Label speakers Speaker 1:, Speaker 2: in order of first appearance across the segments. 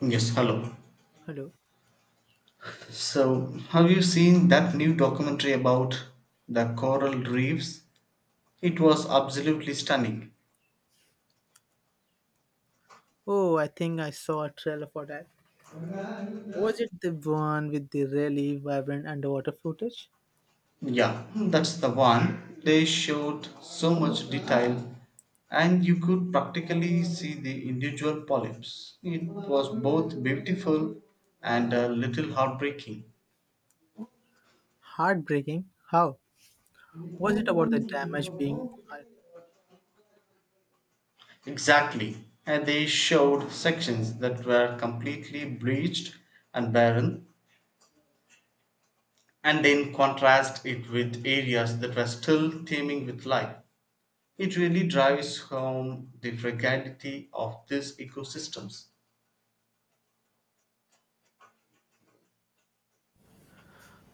Speaker 1: Yes, hello.
Speaker 2: Hello.
Speaker 1: So, have you seen that new documentary about the coral reefs? It was absolutely stunning.
Speaker 2: Oh, I think I saw a trailer for that. Was it the one with the really vibrant underwater footage?
Speaker 1: Yeah, that's the one. They showed so much detail and you could practically see the individual polyps. It was both beautiful and a little heartbreaking.
Speaker 2: Heartbreaking. How? Was it about the damage being?
Speaker 1: Exactly. And they showed sections that were completely bleached and barren, and then contrast it with areas that were still teeming with life. It really drives home the fragility of these ecosystems.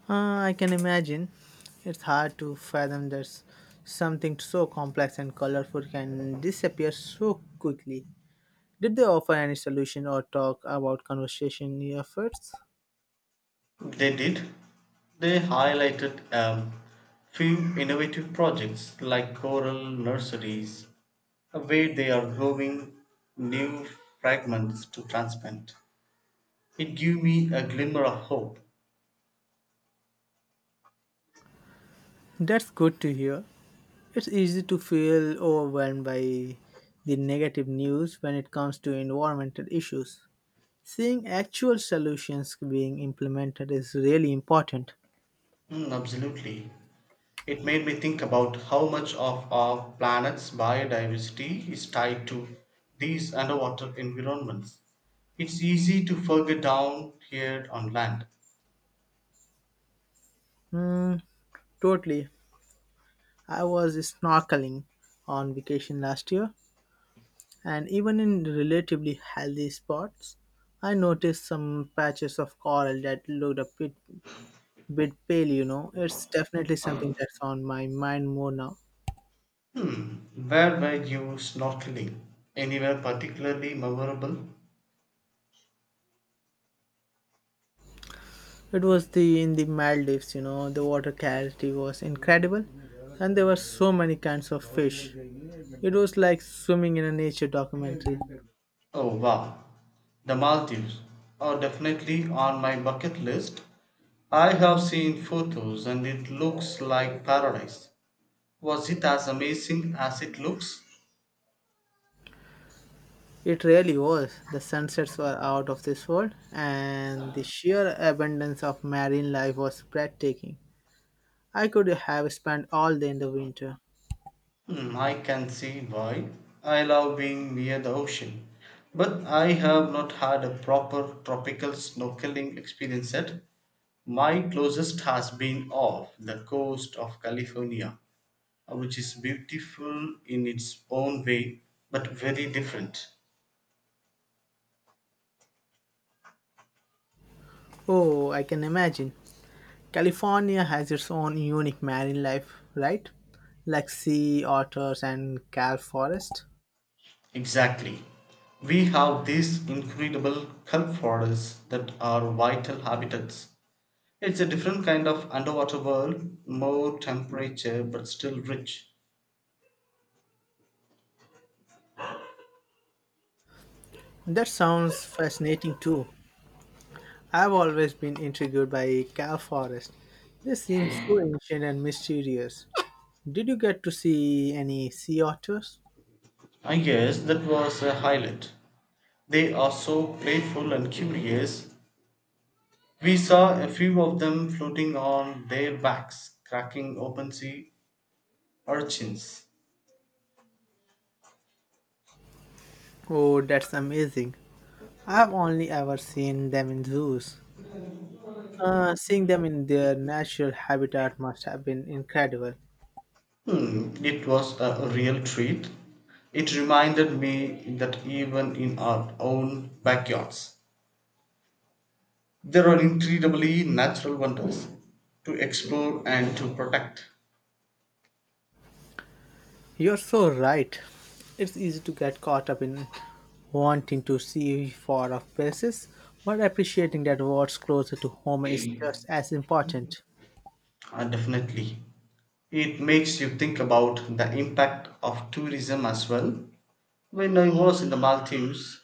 Speaker 2: I can imagine. It's hard to fathom that something so complex and colorful can disappear so quickly. Did they offer any solution or talk about conservation efforts?
Speaker 1: They did. They highlighted few innovative projects like coral nurseries, where they are growing new fragments to transplant. It gave me a glimmer of hope.
Speaker 2: That's good to hear. It's easy to feel overwhelmed by the negative news when it comes to environmental issues. Seeing actual solutions being implemented is really important.
Speaker 1: Mm, absolutely. It made me think about how much of our planet's biodiversity is tied to these underwater environments. It's easy to forget down here on land.
Speaker 2: Hmm, totally. I was snorkeling on vacation last year, and even in relatively healthy spots, I noticed some patches of coral that looked a bit pale. It's definitely something that's on my mind more now.
Speaker 1: Hmm, where were you snorkeling? Anywhere particularly memorable?
Speaker 2: It was the in the Maldives, you know, the water clarity was incredible and there were so many kinds of fish. It was like swimming in a nature documentary.
Speaker 1: Oh wow, the Maldives are definitely on my bucket list. I have seen photos and it looks like paradise. Was it as amazing as it looks?
Speaker 2: It really was. The sunsets were out of this world and the sheer abundance of marine life was breathtaking. I could have spent all day in the winter.
Speaker 1: Hmm, I can see why. I love being near the ocean, but I have not had a proper tropical snorkeling experience yet. My closest has been off the coast of California, which is beautiful in its own way, but very different.
Speaker 2: Oh, I can imagine. California has its own unique marine life, right? Like sea otters and kelp forest.
Speaker 1: Exactly. We have these incredible kelp forests that are vital habitats. It's a different kind of underwater world, more temperature but still rich.
Speaker 2: That sounds fascinating too. I've always been intrigued by Cal Forest. They seem so ancient and mysterious. Did you get to see any sea otters?
Speaker 1: I guess that was a highlight. They are so playful and curious. We saw a few of them floating on their backs, cracking open sea urchins.
Speaker 2: Oh, that's amazing. I've only ever seen them in zoos. Seeing them in their natural habitat must have been incredible.
Speaker 1: Hmm, it was a real treat. It reminded me that even in our own backyards, there are incredibly natural wonders to explore and to protect.
Speaker 2: You're so right. It's easy to get caught up in wanting to see far off places, but appreciating that what's closer to home is just as important.
Speaker 1: Definitely. It makes you think about the impact of tourism as well. When I was in the Maldives,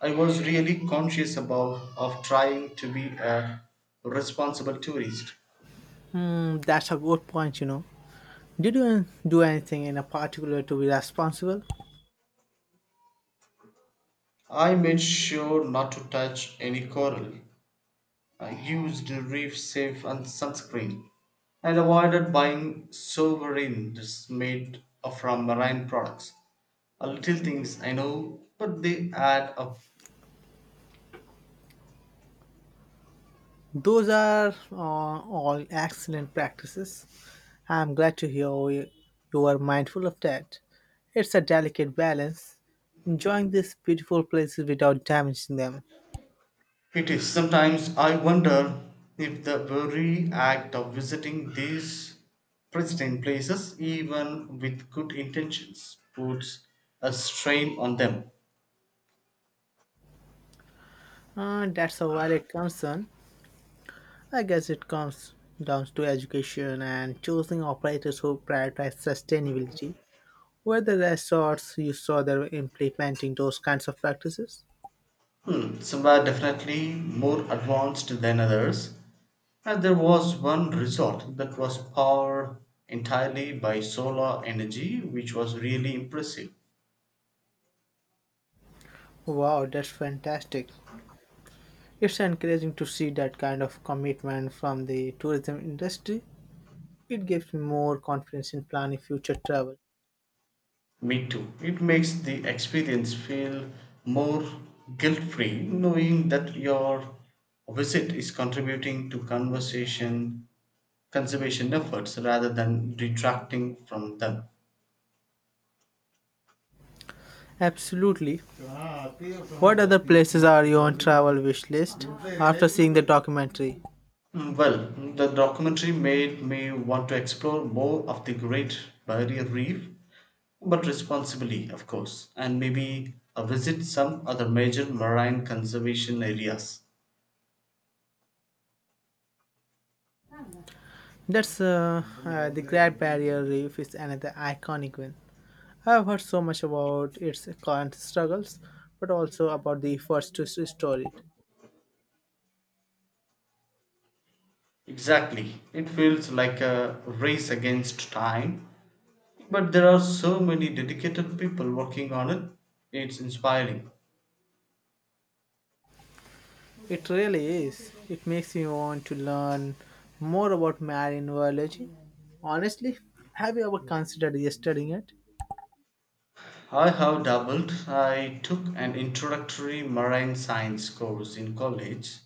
Speaker 1: I was really conscious about of trying to be a responsible tourist.
Speaker 2: Mm, that's a good point, you know. Did you do anything in a particular to be responsible?
Speaker 1: I made sure not to touch any coral. I used reef safe and sunscreen and avoided buying sovereigns made from marine products. A little things I know, but they add up.
Speaker 2: Those are all excellent practices. I'm glad to hear you are mindful of that. It's a delicate balance, enjoying these beautiful places without damaging them.
Speaker 1: It is sometimes I wonder if the very act of visiting these pristine places, even with good intentions, puts a strain on them.
Speaker 2: That's a valid concern. I guess it comes down to education and choosing operators who prioritize sustainability. Were the resorts you saw that were implementing those kinds of practices?
Speaker 1: Hmm, some were definitely more advanced than others, and there was one resort that was powered entirely by solar energy, which was really impressive.
Speaker 2: Wow, that's fantastic. It's encouraging to see that kind of commitment from the tourism industry. It gives me more confidence in planning future travel.
Speaker 1: Me too. It makes the experience feel more guilt free knowing that your visit is contributing to conversation conservation efforts rather than detracting from them.
Speaker 2: Absolutely. What other places are you on travel wish list after seeing the documentary?
Speaker 1: Mm, well, the documentary made me want to explore more of the Great Barrier Reef, but responsibly, of course, and maybe visit some other major marine conservation areas.
Speaker 2: That's the Great Barrier Reef is another iconic one. I've heard so much about its current struggles, but also about the efforts to restore it.
Speaker 1: Exactly. It feels like a race against time, but there are so many dedicated people working on it. It's inspiring.
Speaker 2: It really is. It makes me want to learn more about marine biology. Honestly, have you ever considered studying it?
Speaker 1: I have doubled. I took an introductory marine science course in college,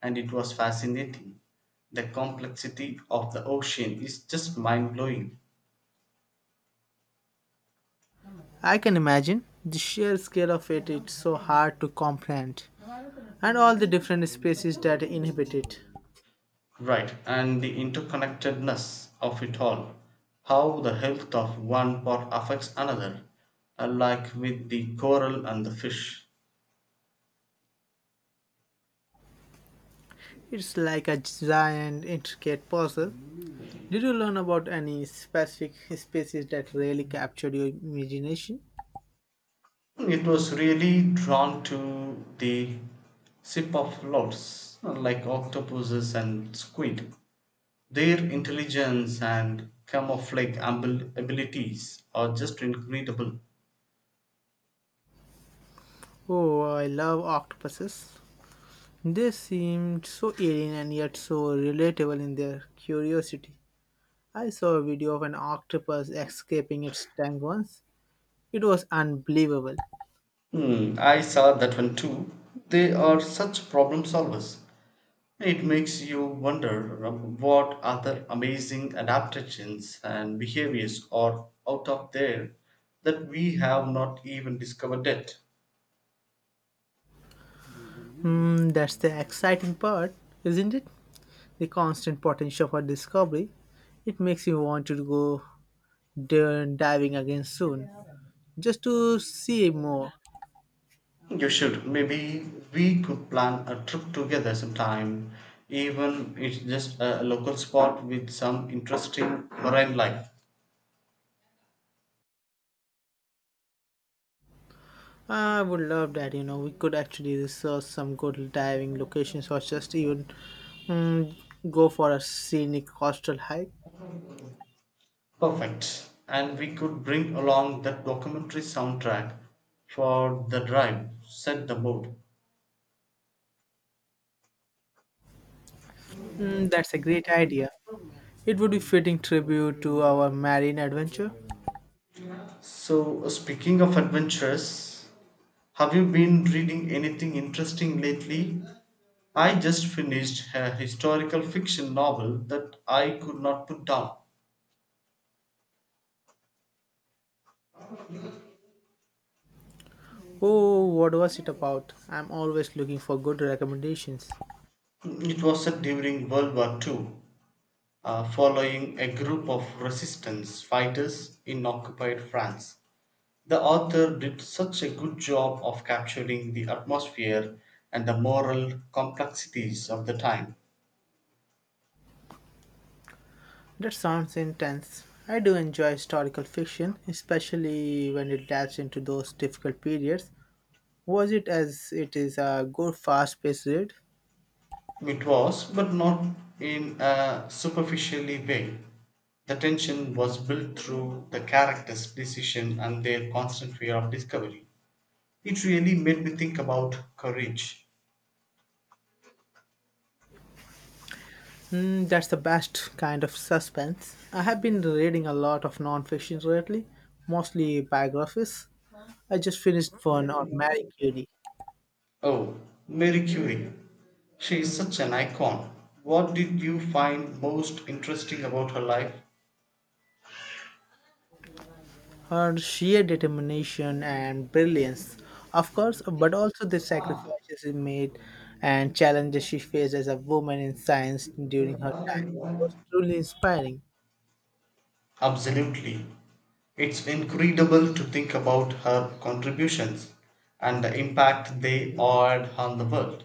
Speaker 1: and it was fascinating. The complexity of the ocean is just mind blowing.
Speaker 2: I can imagine the sheer scale of it, it's so hard to comprehend, and all the different species that inhabit it.
Speaker 1: Right, and the interconnectedness of it all, how the health of one part affects another, like with the coral and the fish.
Speaker 2: It's like a giant, intricate puzzle. Did you learn about any specific species that really captured your imagination?
Speaker 1: It was really drawn to the cephalopods, like octopuses and squid. Their intelligence and camouflage abilities are just incredible.
Speaker 2: Oh, I love octopuses. They seemed so alien and yet so relatable in their curiosity. I saw a video of an octopus escaping its tank once. It was unbelievable.
Speaker 1: Hmm, I saw that one too. They are such problem solvers. It makes you wonder what other amazing adaptations and behaviors are out of there that we have not even discovered yet.
Speaker 2: Hmm, that's the exciting part, isn't it? The constant potential for discovery. It makes you want to go diving again soon, just to see more.
Speaker 1: You should. Maybe we could plan a trip together sometime, even it's just a local spot with some interesting marine life.
Speaker 2: I would love that. You know, we could actually research some good diving locations or just even mm, go for a scenic coastal hike.
Speaker 1: Perfect. And we could bring along that documentary soundtrack for the drive, set the mood.
Speaker 2: Mm, that's a great idea. It would be fitting tribute to our marine adventure.
Speaker 1: So, speaking of adventures, have you been reading anything interesting lately? I just finished a historical fiction novel that I could not put down.
Speaker 2: Oh, what was it about? I'm always looking for good recommendations.
Speaker 1: It was set during World War II, following a group of resistance fighters in occupied France. The author did such a good job of capturing the atmosphere and the moral complexities of the time.
Speaker 2: That sounds intense. I do enjoy historical fiction, especially when it dives into those difficult periods. Was it as it is a good fast-paced read?
Speaker 1: It was, but not in a superficially way. The tension was built through the characters' decision and their constant fear of discovery. It really made me think about courage.
Speaker 2: Mm, that's the best kind of suspense. I have been reading a lot of non-fiction lately, mostly biographies. I just finished one on Marie Curie.
Speaker 1: Oh, Mary Curie. She is such an icon. What did you find most interesting about her life?
Speaker 2: Her sheer determination and brilliance, of course, but also the sacrifices she made and challenges she faced as a woman in science during her time was truly inspiring.
Speaker 1: Absolutely. It's incredible to think about her contributions and the impact they had on the world,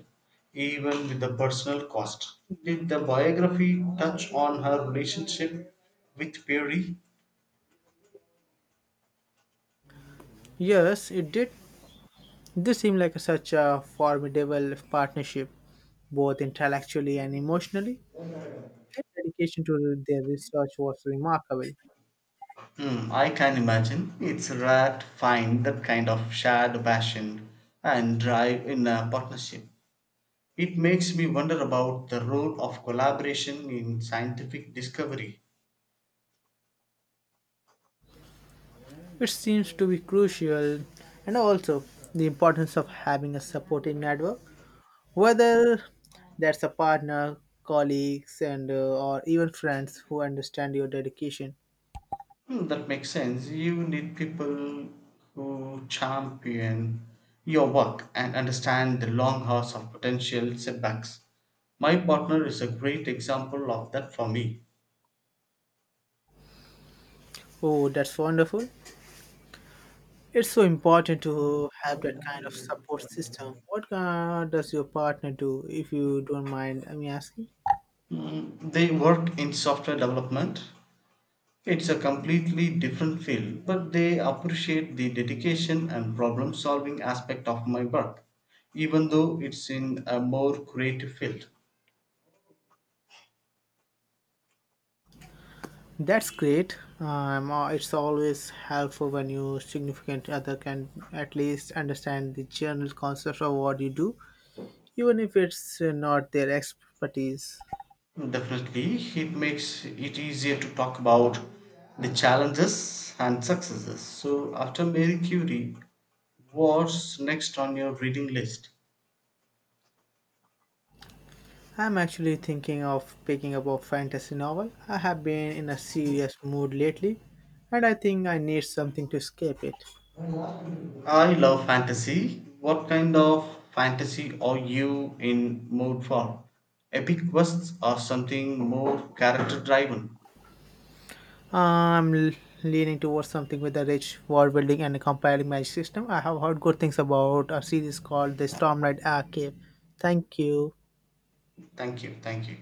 Speaker 1: even with the personal cost. Did the biography touch on her relationship with Perry?
Speaker 2: Yes, it did. This seemed like such a formidable partnership, both intellectually and emotionally. Their dedication to their research was remarkable.
Speaker 1: Hmm, I can imagine. It's rare to find that kind of shared passion and drive in a partnership. It makes me wonder about the role of collaboration in scientific discovery.
Speaker 2: It seems to be crucial, and also the importance of having a supporting network, whether that's a partner, colleagues, and or even friends who understand your dedication.
Speaker 1: Hmm, that makes sense. You need people who champion your work and understand the long hours of potential setbacks. My partner is a great example of that for me.
Speaker 2: Oh, that's wonderful! It's so important to have that kind of support system. What does your partner do, if you don't mind me asking?
Speaker 1: Mm, they work in software development. It's a completely different field, but they appreciate the dedication and problem solving aspect of my work, even though it's in a more creative field.
Speaker 2: That's great. It's always helpful when your significant other can at least understand the general concept of what you do, even if it's not their expertise.
Speaker 1: Definitely, it makes it easier to talk about the challenges and successes. So, after Mary Curie, what's next on your reading list?
Speaker 2: I'm actually thinking of picking up a fantasy novel. I have been in a serious mood lately, and I think I need something to escape it.
Speaker 1: I love fantasy. What kind of fantasy are you in mood for? Epic quests or something more character driven?
Speaker 2: I'm l- leaning towards something with a rich world building and a compelling magic system. I have heard good things about a series called The Stormlight Archive. Thank you.
Speaker 1: Thank you, thank you.